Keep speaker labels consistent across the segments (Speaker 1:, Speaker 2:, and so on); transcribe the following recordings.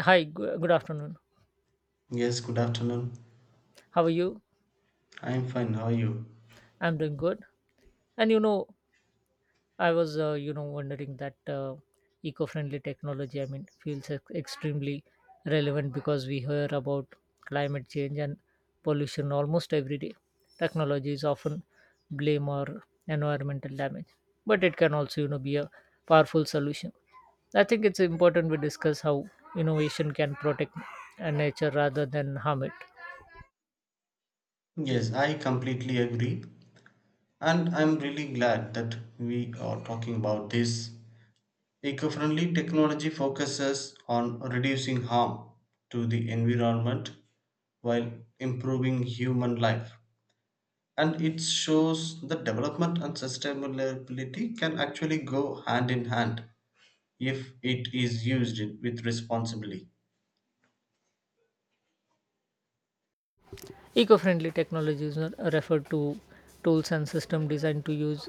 Speaker 1: Hi, good afternoon.
Speaker 2: Yes, good afternoon.
Speaker 1: How are you?
Speaker 2: I'm fine. How are you?
Speaker 1: I'm doing good. And you know, I was, wondering that eco-friendly technology, I mean, feels extremely relevant because we hear about climate change and pollution almost every day. Technology is often blame or environmental damage, but it can also, you know, be a powerful solution. I think it's important we discuss how innovation can protect nature rather than harm it.
Speaker 2: Yes, I completely agree. And I'm really glad that we are talking about this. Eco friendly technology focuses on reducing harm to the environment while improving human life. And it shows that development and sustainability can actually go hand in hand if it is used with responsibly.
Speaker 1: Eco-friendly technologies are referred to tools and systems designed to use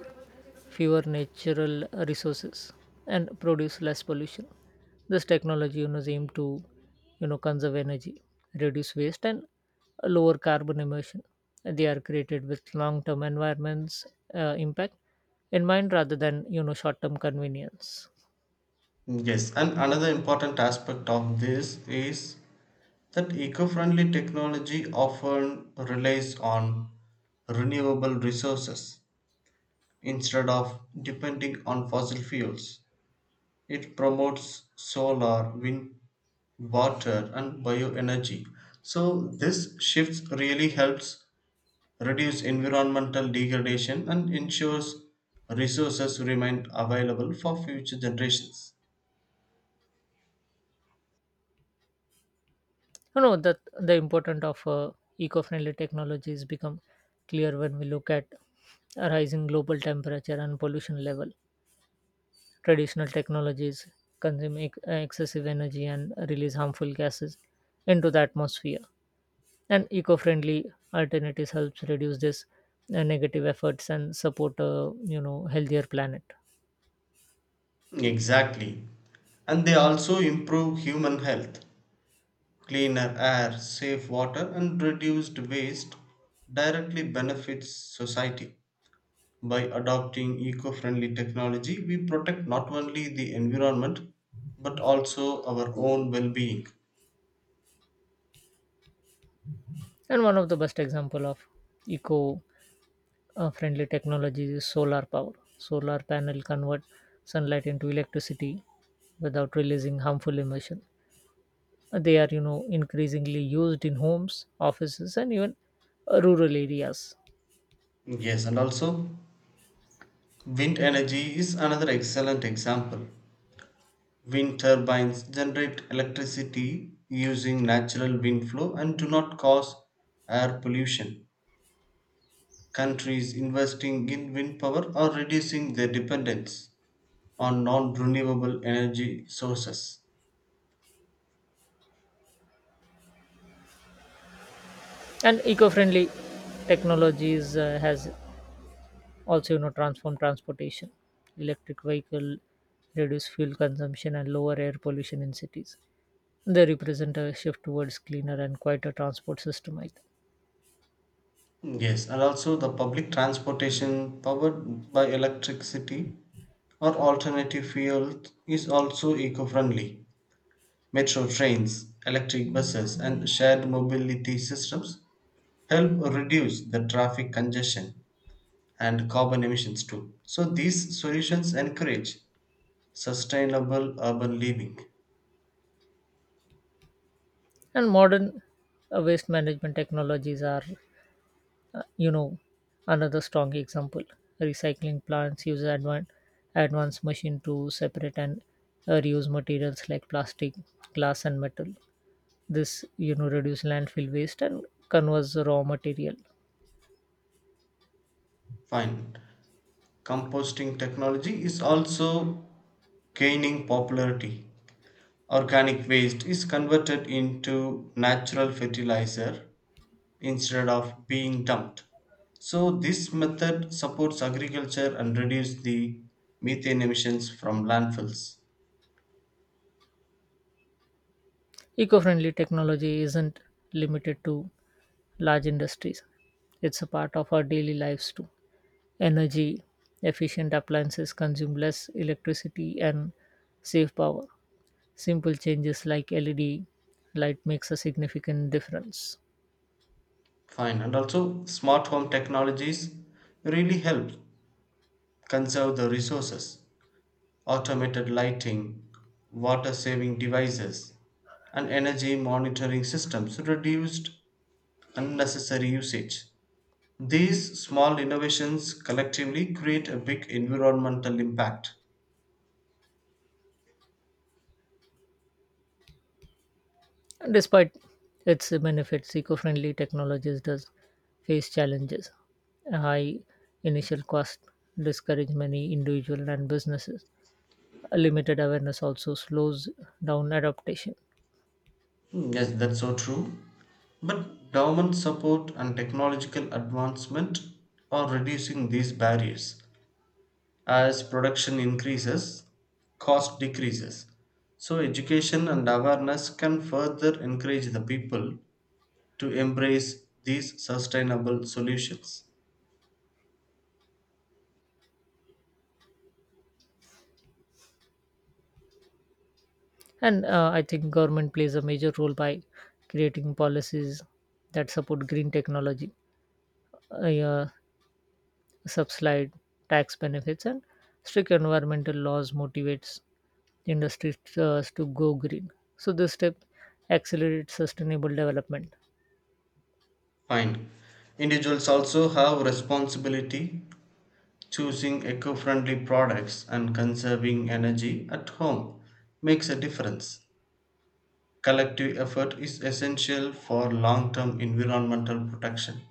Speaker 1: fewer natural resources and produce less pollution. This technology is aimed to conserve energy, reduce waste, and lower carbon emission. They are created with long-term environments impact in mind rather than short-term convenience.
Speaker 2: Yes, and another important aspect of this is that eco-friendly technology often relies on renewable resources instead of depending on fossil fuels. It promotes solar, wind, water, and bioenergy. So this shift really helps reduce environmental degradation and ensures resources remain available for future generations.
Speaker 1: That the importance of eco-friendly technologies become clear when we look at a rising global temperature and pollution level. Traditional technologies consume excessive energy and release harmful gases into the atmosphere, and eco-friendly alternatives helps reduce this negative efforts and support a healthier planet.
Speaker 2: Exactly. And they also improve human health. Cleaner air, safe water, and reduced waste directly benefits society. By adopting eco friendly technology, we protect not only the environment but also our own well being.
Speaker 1: And one of the best example of eco- friendly technology is solar power. Solar panel convert sunlight into electricity without releasing harmful emission. They are, you know, increasingly used in homes, offices, and even rural areas.
Speaker 2: Yes, and also wind energy is another excellent example. Wind turbines generate electricity using natural wind flow and do not cause air pollution. Countries investing in wind power are reducing their dependence on non-renewable energy sources.
Speaker 1: And eco-friendly technologies has also, you know, transformed transportation. Electric vehicle reduce fuel consumption and lower air pollution in cities. They represent a shift towards cleaner and quieter transport system, I think.
Speaker 2: Yes, and also the public transportation powered by electricity or alternative fuel is also eco-friendly. Metro trains, electric buses, and shared mobility systems help reduce the traffic congestion and carbon emissions too. So these solutions encourage sustainable urban living.
Speaker 1: And modern waste management technologies are uh, you know another strong example. Recycling plants use advanced machine to separate and reuse materials like plastic, glass, and metal. This, you know, reduce landfill waste and converts the raw material.
Speaker 2: Fine. Composting technology is also gaining popularity. Organic waste is converted into natural fertilizer instead of being dumped. So, this method supports agriculture and reduces the methane emissions from landfills.
Speaker 1: Eco-friendly technology isn't limited to large industries, it's a part of our daily lives too. Energy efficient appliances consume less electricity and save power. Simple changes like LED light makes a significant difference.
Speaker 2: Fine. And also, smart home technologies really help conserve the resources. Automated lighting, water saving devices, and energy monitoring systems reduced unnecessary usage. These small innovations collectively create a big environmental impact.
Speaker 1: And despite its benefits, eco-friendly technologies does face challenges. A high initial cost discourage many individual and businesses. A limited awareness also slows down adaptation.
Speaker 2: Yes, that's so true. But government support and technological advancement are reducing these barriers. As production increases, cost decreases. So, education and awareness can further encourage the people to embrace these sustainable solutions.
Speaker 1: And I think government plays a major role by creating policies that support green technology, uh, yeah, subsidized tax benefits and strict environmental laws motivates industries to go green. So this step accelerates sustainable development.
Speaker 2: Fine. Individuals also have responsibility. Choosing eco friendly products and conserving energy at home makes a difference. Collective effort is essential for long term environmental protection.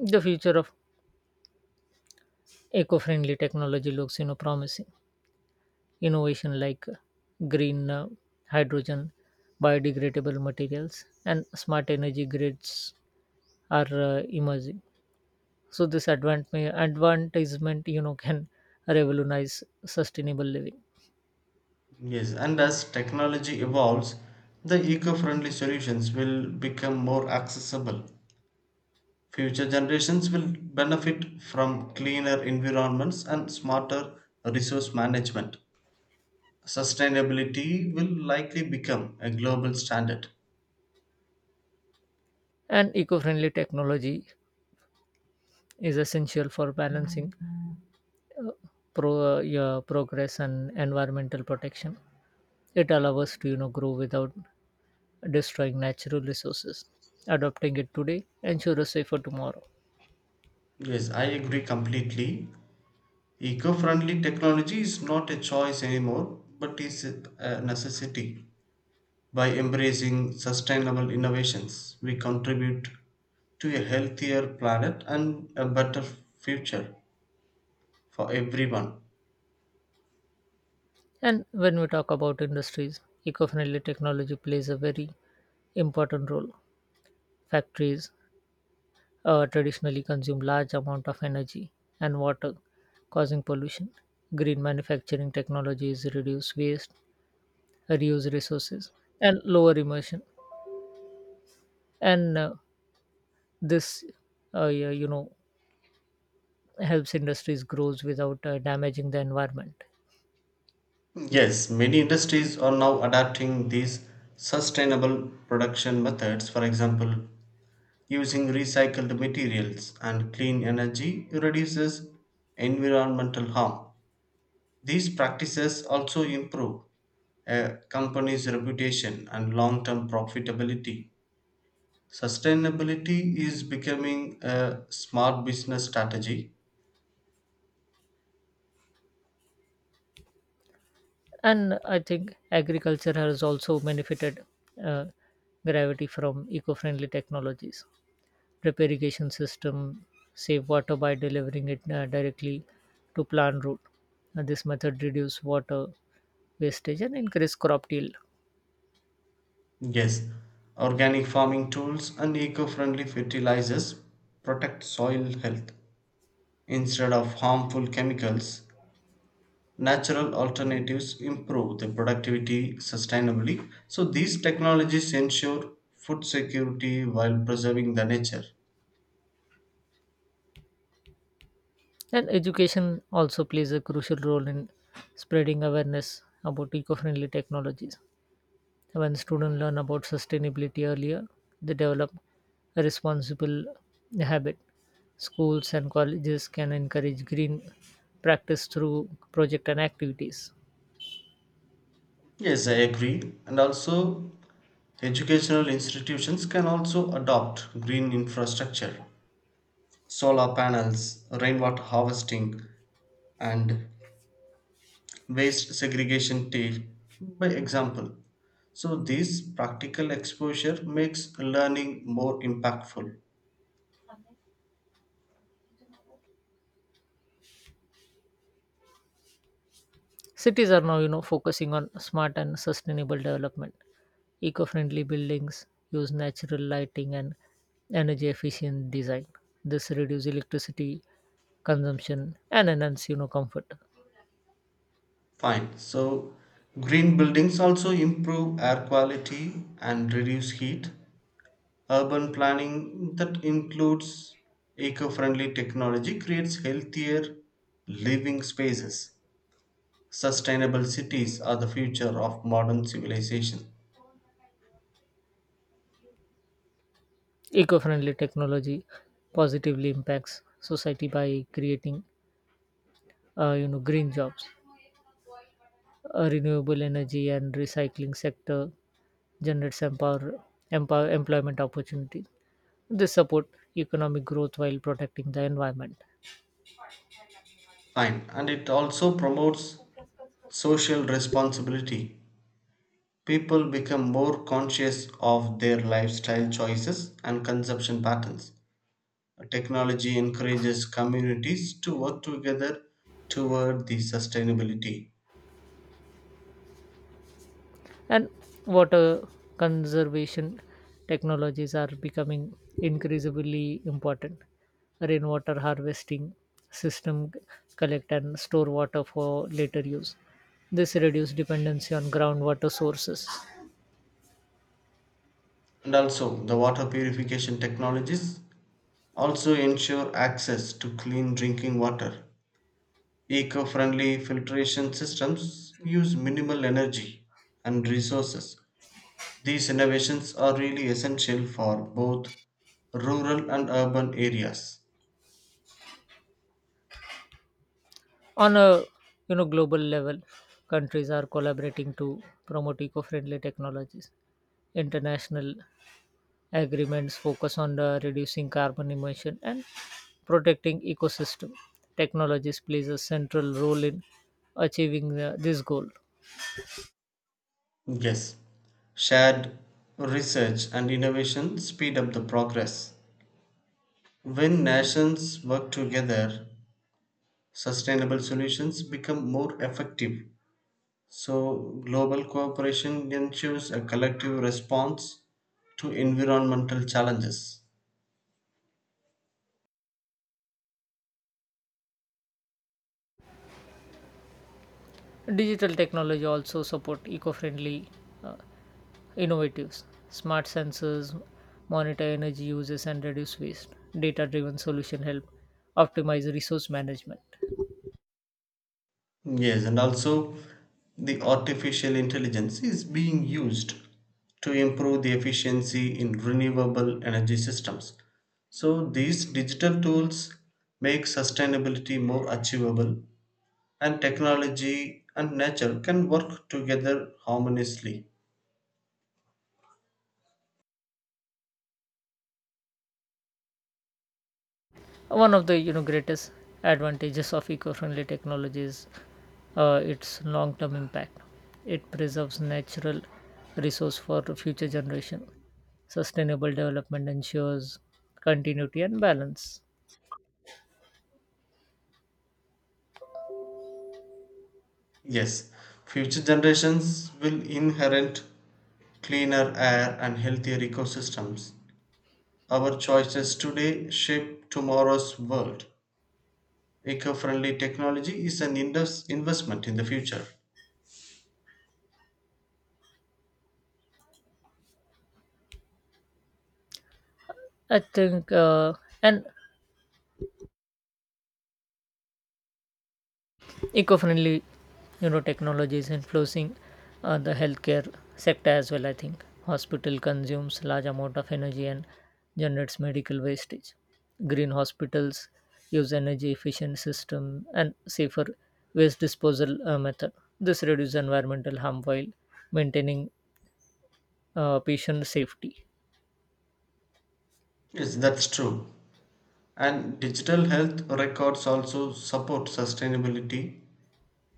Speaker 1: The future of eco-friendly technology looks, you know, promising. Innovation like green, hydrogen, biodegradable materials, and smart energy grids are emerging. So this advertisement, you know, can revolutionize sustainable living.
Speaker 2: Yes, and as technology evolves, the eco friendly solutions will become more accessible. Future generations will benefit from cleaner environments and smarter resource management. Sustainability will likely become a global standard.
Speaker 1: And eco-friendly technology is essential for balancing uh, progress and environmental protection. It allows us to grow without destroying natural resources. Adopting it today ensures a safer tomorrow.
Speaker 2: Yes, I agree completely. Eco-friendly technology is not a choice anymore, but is a necessity. By embracing sustainable innovations, we contribute to a healthier planet and a better future for everyone.
Speaker 1: And when we talk about industries, eco-friendly technology plays a very important role. Factories traditionally consume large amount of energy and water, causing pollution. Green manufacturing technologies reduce waste, reuse resources, and lower emission, and this yeah, you know helps industries grows without damaging the environment.
Speaker 2: Yes, many industries are now adapting these sustainable production methods. For example, using recycled materials and clean energy reduces environmental harm. These practices also improve a company's reputation and long term profitability. Sustainability is becoming a smart business strategy.
Speaker 1: And I think agriculture has also benefited uh, gravity from eco-friendly technologies. Drip irrigation system save water by delivering it directly to plant root. This method reduce water wastage and increase crop yield.
Speaker 2: Yes, organic farming tools and eco friendly fertilizers protect soil health. Instead of harmful chemicals, natural alternatives improve the productivity sustainably. So, these technologies ensure food security while preserving the nature.
Speaker 1: And education also plays a crucial role in spreading awareness about eco friendly technologies. When students learn about sustainability earlier, they develop a responsible habit. Schools and colleges can encourage green practice through project and activities.
Speaker 2: Yes, I agree. And also, educational institutions can also adopt green infrastructure, solar panels, rainwater harvesting, and waste segregation by example. So, this practical exposure makes learning more impactful.
Speaker 1: Cities are now, you know, focusing on smart and sustainable development. Eco-friendly buildings use natural lighting and energy efficient design. This reduces electricity consumption and enhance, you know, comfort.
Speaker 2: Fine. So, green buildings also improve air quality and reduce heat. Urban planning that includes eco friendly technology creates healthier living spaces. Sustainable cities are the future of modern civilization.
Speaker 1: Eco-friendly technology positively impacts society by creating, you know, green jobs. A renewable energy and recycling sector generates empower employment opportunities. This support economic growth while protecting the environment.
Speaker 2: Fine. And it also promotes social responsibility. People become more conscious of their lifestyle choices and consumption patterns. Technology encourages communities to work together toward the sustainability.
Speaker 1: And water conservation technologies are becoming increasingly important. Rainwater harvesting system collect and store water for later use. This reduces dependency on groundwater sources.
Speaker 2: And also, the water purification technologies also ensure access to clean drinking water. Eco friendly filtration systems use minimal energy and resources. These innovations are really essential for both rural and urban areas.
Speaker 1: On a, you know, global level, countries are collaborating to promote eco-friendly technologies. International agreements focus on the reducing carbon emission and protecting ecosystem. Technologies plays a central role in achieving this goal.
Speaker 2: Yes, shared research and innovation speed up the progress. When nations work together, sustainable solutions become more effective. So, global cooperation ensures a collective response to environmental challenges.
Speaker 1: Digital technology also support eco-friendly uh, innovatives. Smart sensors monitor energy uses and reduce waste. Data driven solution help optimize resource management.
Speaker 2: Yes, and also the artificial intelligence is being used to improve the efficiency in renewable energy systems. So, these digital tools make sustainability more achievable, and technology and nature can work together harmoniously.
Speaker 1: One of the, you know, greatest advantages of eco-friendly technology is its long-term impact. It preserves natural resource for future generation. Sustainable development ensures continuity and balance.
Speaker 2: Yes, future generations will inherit cleaner air and healthier ecosystems. Our choices today shape tomorrow's world. Eco friendly technology is an investment in the future.
Speaker 1: I think uh, and eco-friendly, you know, technologies influencing the healthcare sector as well. I think hospital consumes large amount of energy and generates medical wastage. Green hospitals use energy efficient system and safer waste disposal method. This reduces environmental harm while maintaining patient safety.
Speaker 2: Yes, that's true. And digital health records also support sustainability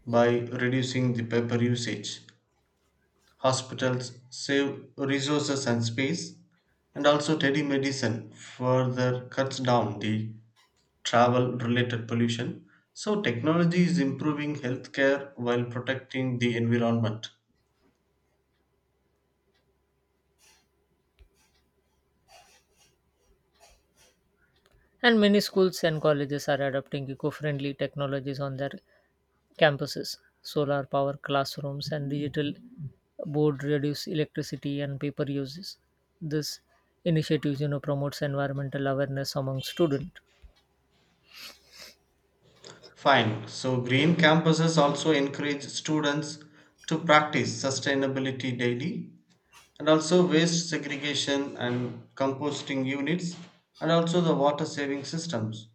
Speaker 2: by reducing the paper usage. Hospitals save resources and space, and also telemedicine further cuts down the travel related pollution. So, technology is improving healthcare while protecting the environment.
Speaker 1: And many schools and colleges are adopting eco-friendly technologies on their campuses. Solar power classrooms and digital board reduce electricity and paper uses. This initiatives, you know, promotes environmental awareness among students.
Speaker 2: Fine. So, green campuses also encourage students to practice sustainability daily and also waste segregation and composting units and also the water saving systems.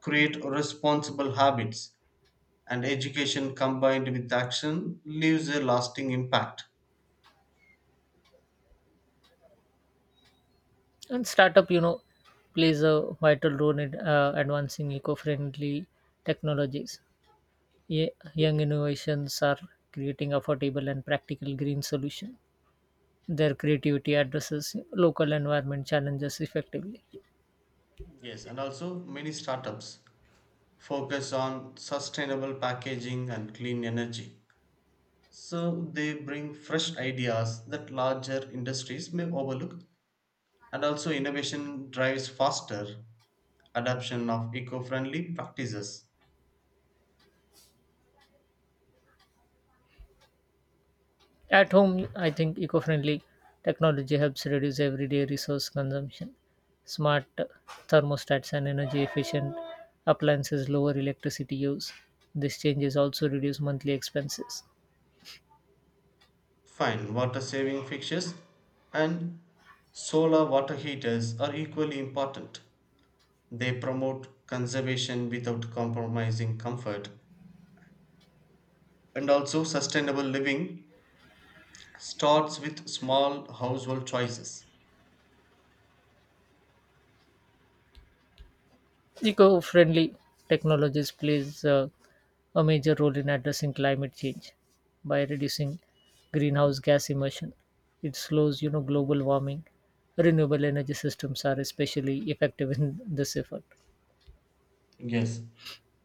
Speaker 2: Create responsible habits and education combined with action leaves a lasting impact.
Speaker 1: And startup, you know, plays a vital role in advancing eco-friendly technologies. Young innovations are creating affordable and practical green solutions. Their creativity addresses local environment challenges effectively.
Speaker 2: Yes, and also many startups focus on sustainable packaging and clean energy. So they bring fresh ideas that larger industries may overlook, and also innovation drives faster adoption of eco-friendly practices.
Speaker 1: At home, I think eco friendly technology helps reduce everyday resource consumption. Smart thermostats and energy efficient appliances lower electricity use. These changes also reduce monthly expenses.
Speaker 2: Fine, water-saving fixtures and solar water heaters are equally important. They promote conservation without compromising comfort, and also sustainable living starts with small household choices.
Speaker 1: Eco friendly technologies plays a major role in addressing climate change by reducing greenhouse gas emission. It slows, you know, global warming. Renewable energy systems are especially effective in this effort.
Speaker 2: Yes,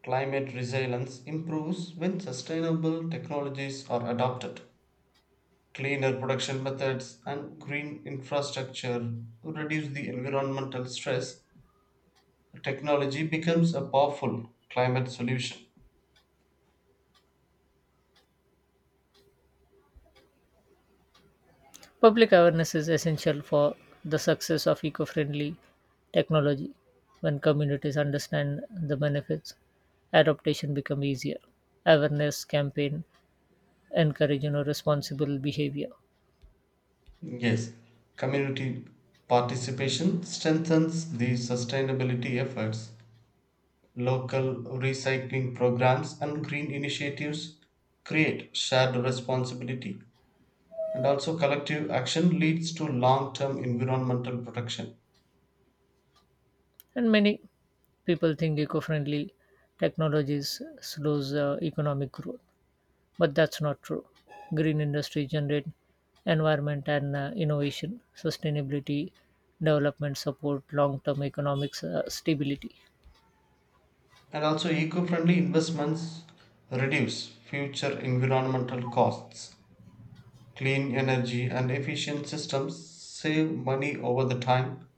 Speaker 2: climate resilience improves when sustainable technologies are adopted. Cleaner production methods and green infrastructure reduce the environmental stress. Technology becomes a powerful climate solution.
Speaker 1: Public awareness is essential for the success of eco friendly technology. When communities understand the benefits, adaptation becomes easier. Awareness campaign encourage, you know, responsible behavior.
Speaker 2: Yes, community participation strengthens the sustainability efforts. Local recycling programs and green initiatives create shared responsibility. And also collective action leads to long term environmental protection.
Speaker 1: And many people think eco friendly technologies slows economic growth, but that's not true. Green industry generate environment and innovation, sustainability, development support long term economic stability.
Speaker 2: And also eco-friendly investments reduce future environmental costs. Clean energy and efficient systems save money over the time.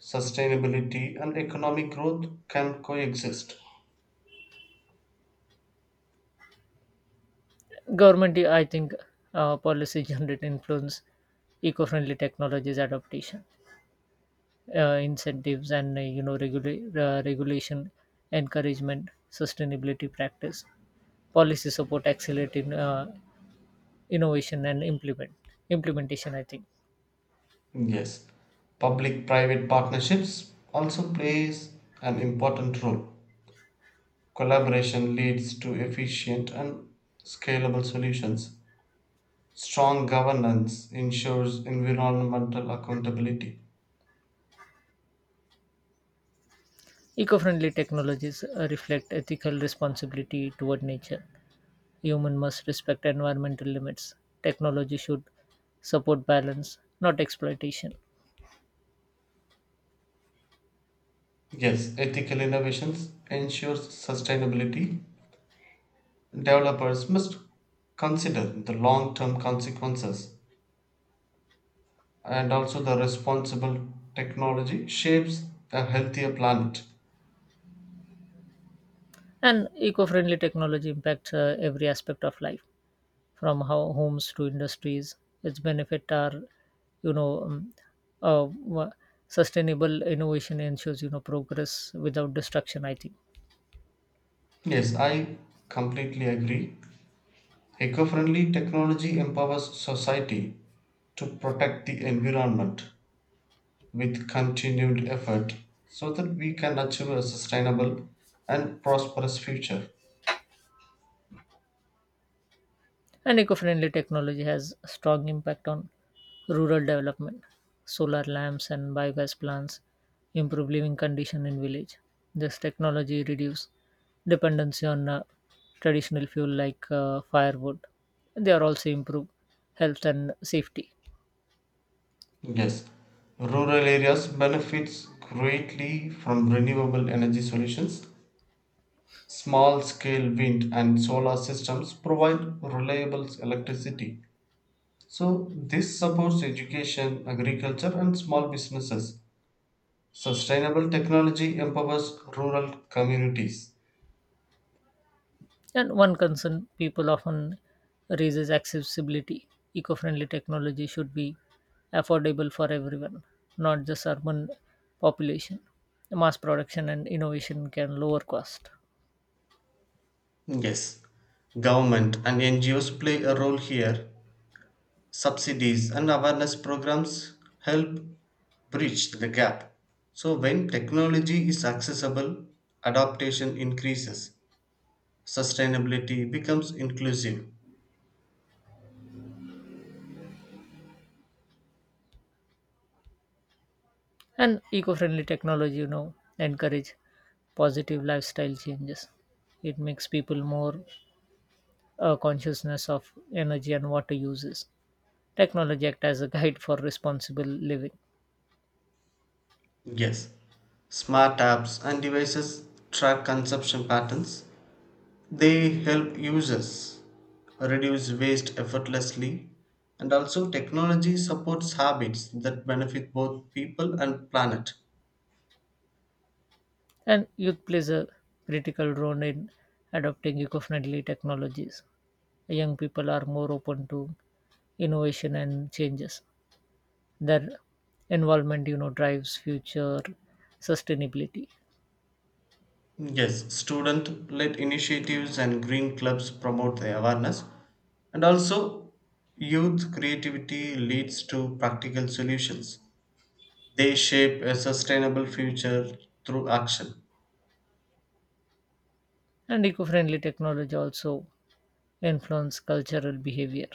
Speaker 2: Sustainability and economic growth can coexist.
Speaker 1: Government, I think, policy generate influence eco-friendly technologies adaptation, incentives, and, you know, regulation, encouragement, sustainability practice. Policy support accelerating innovation and implementation, I think.
Speaker 2: Yes, public private partnerships also plays an important role. Collaboration leads to efficient and scalable solutions. Strong governance ensures environmental accountability.
Speaker 1: Eco-friendly technologies reflect ethical responsibility toward nature. Human must respect environmental limits. Technology should support balance, not exploitation.
Speaker 2: Yes, ethical innovations ensures sustainability. Developers must consider the long-term consequences and also the responsible technology shapes a healthier planet.
Speaker 1: And eco-friendly technology impacts every aspect of life, from how homes to industries. Its benefit are, you know, um, uh, wa- sustainable innovation ensures, you know, progress without destruction, I think.
Speaker 2: Yes, I completely agree. Eco-friendly technology empowers society to protect the environment with continued effort so that we can achieve a sustainable and prosperous future.
Speaker 1: And eco-friendly technology has strong impact on rural development. Solar lamps and biogas plants improve living condition in village. This technology reduce dependency on traditional fuel like firewood. They are also improve health and safety.
Speaker 2: Yes, rural areas benefits greatly from renewable energy solutions. Small scale wind and solar systems provide reliable electricity. So this supports education, agriculture and small businesses. Sustainable technology empowers rural communities.
Speaker 1: And one concern people often raise is accessibility. Eco friendly technology should be affordable for everyone, not just urban population. Mass production and innovation can lower cost.
Speaker 2: Yes, government and NGOs play a role here. Subsidies and awareness programs help bridge the gap. So, when technology is accessible, adaptation increases, sustainability becomes inclusive.
Speaker 1: And eco friendly technology, you know, encourage positive lifestyle changes. It makes people more consciousness of energy and water uses. Technology act as a guide for responsible living.
Speaker 2: Yes, smart apps and devices track consumption patterns, they help users reduce waste effortlessly. And also, technology supports habits that benefit both people and planet.
Speaker 1: And youth plays a critical role in adopting eco-friendly technologies. Young people are more open to innovation and changes. Their involvement, you know, drives future sustainability.
Speaker 2: Yes, student led initiatives and green clubs promote the awareness. And also, youth creativity leads to practical solutions. They shape a sustainable future through action.
Speaker 1: And eco-friendly technology also influence cultural behavior.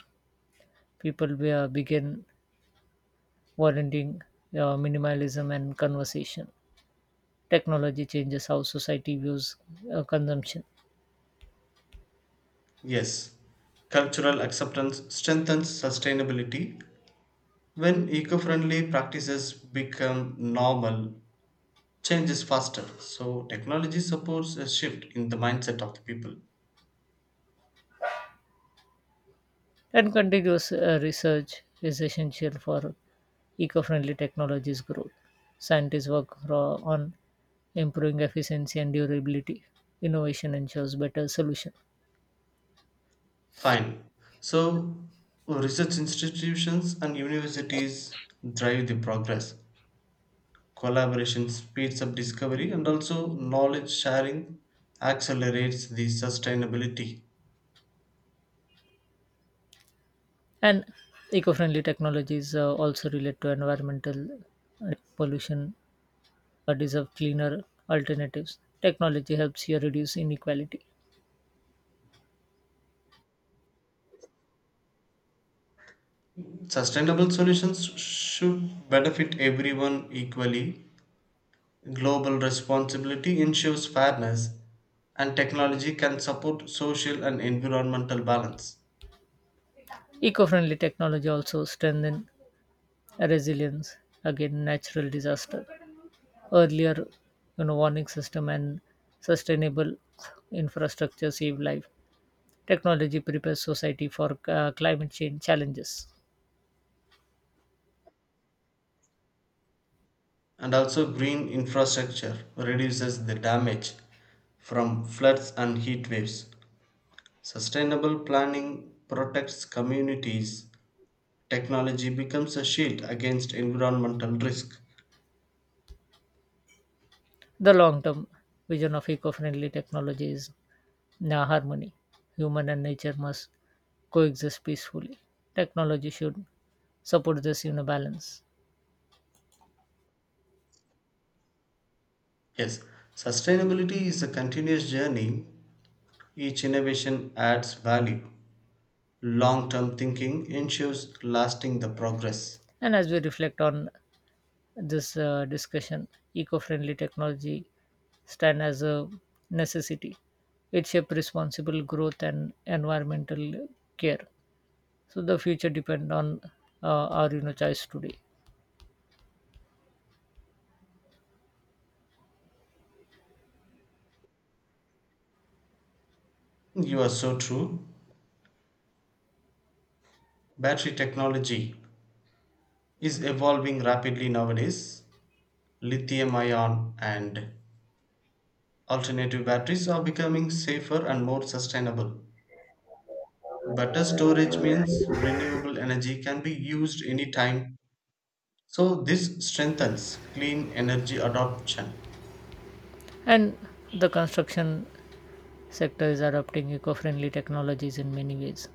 Speaker 1: People begin volunteering, minimalism and conversation. Technology changes how society views consumption.
Speaker 2: Yes, cultural acceptance strengthens sustainability. When eco friendly practices become normal, change is faster. So, technology supports a shift in the mindset of the people.
Speaker 1: And continuous research is essential for eco-friendly technologies growth. Scientists work on improving efficiency and durability. Innovation ensures better solution.
Speaker 2: Fine. So, research institutions and universities drive the progress. Collaboration speeds up discovery and also knowledge sharing accelerates the sustainability.
Speaker 1: And eco-friendly technologies also relate to environmental pollution, deserve cleaner alternatives. Technology helps you reduce inequality.
Speaker 2: Sustainable solutions should benefit everyone equally. Global responsibility ensures fairness, and technology can support social and environmental balance.
Speaker 1: Eco-friendly technology also strengthen resilience against natural disaster. Earlier, you know, warning system and sustainable infrastructure save life. Technology prepares society for climate change challenges.
Speaker 2: And also green infrastructure reduces the damage from floods and heat waves. Sustainable planning protects communities. Technology becomes a shield against environmental risk.
Speaker 1: The long term vision of eco friendly technology is harmony. Human and nature must coexist peacefully. Technology should support this in a balance.
Speaker 2: Yes, sustainability is a continuous journey. Each innovation adds value. Long term thinking ensures lasting the progress.
Speaker 1: And as we reflect on this discussion, eco friendly technology stand as a necessity. It shapes responsible growth and environmental care. So the future depend on our, you know, choice today.
Speaker 2: You are so true. Battery technology is evolving rapidly nowadays. Lithium ion and alternative batteries are becoming safer and more sustainable. Better storage means renewable energy can be used anytime, so this strengthens clean energy adoption.
Speaker 1: And the construction sector is adopting eco-friendly technologies in many ways.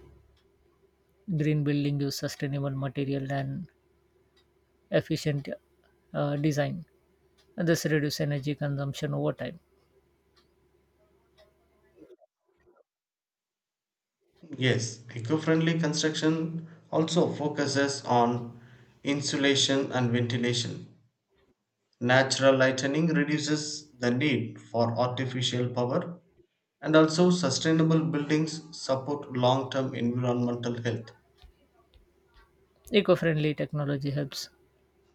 Speaker 1: Green building use sustainable material and efficient design. And this reduce energy consumption over time.
Speaker 2: Yes, eco friendly construction also focuses on insulation and ventilation. Natural lighting reduces the need for artificial power, and also sustainable buildings support long term environmental health.
Speaker 1: Eco-friendly technology helps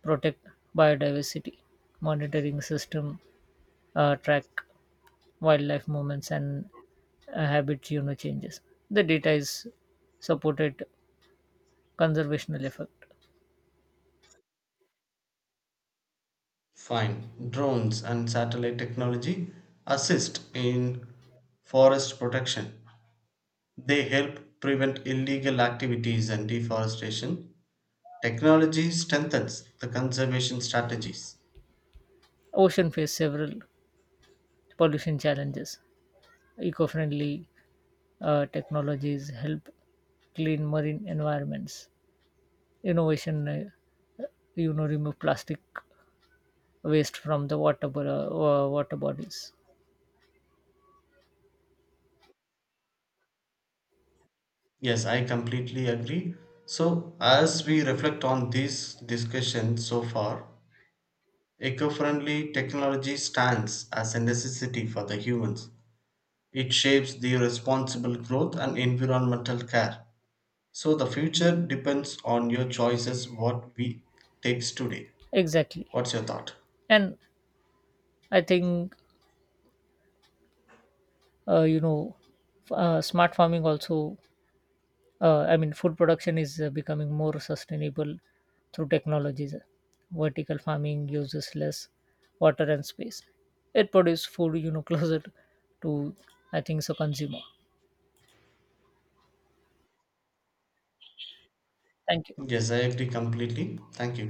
Speaker 1: protect biodiversity. Monitoring system track wildlife movements and habit, you know, changes. The data is supported conservational effect.
Speaker 2: Fine. Drones and satellite technology assist in forest protection. They help prevent illegal activities and deforestation. Technology strengthens the conservation strategies.
Speaker 1: Ocean face several pollution challenges. Eco-friendly technologies help clean marine environments. Innovation, you know, remove plastic waste from the water bodies.
Speaker 2: Yes, I completely agree. So, as we reflect on this discussion so far, eco friendly technology stands as a necessity for the humans. It shapes the responsible growth and environmental care. So the future depends on your choices, what we takes today.
Speaker 1: Exactly,
Speaker 2: What's your thought?
Speaker 1: and I think uh, you know, smart farming also. I mean, food production is becoming more sustainable through technologies. Vertical farming uses less water and space. It produces food, you know, closer to, I think so, consumer. Thank you.
Speaker 2: Yes, I agree completely. Thank you.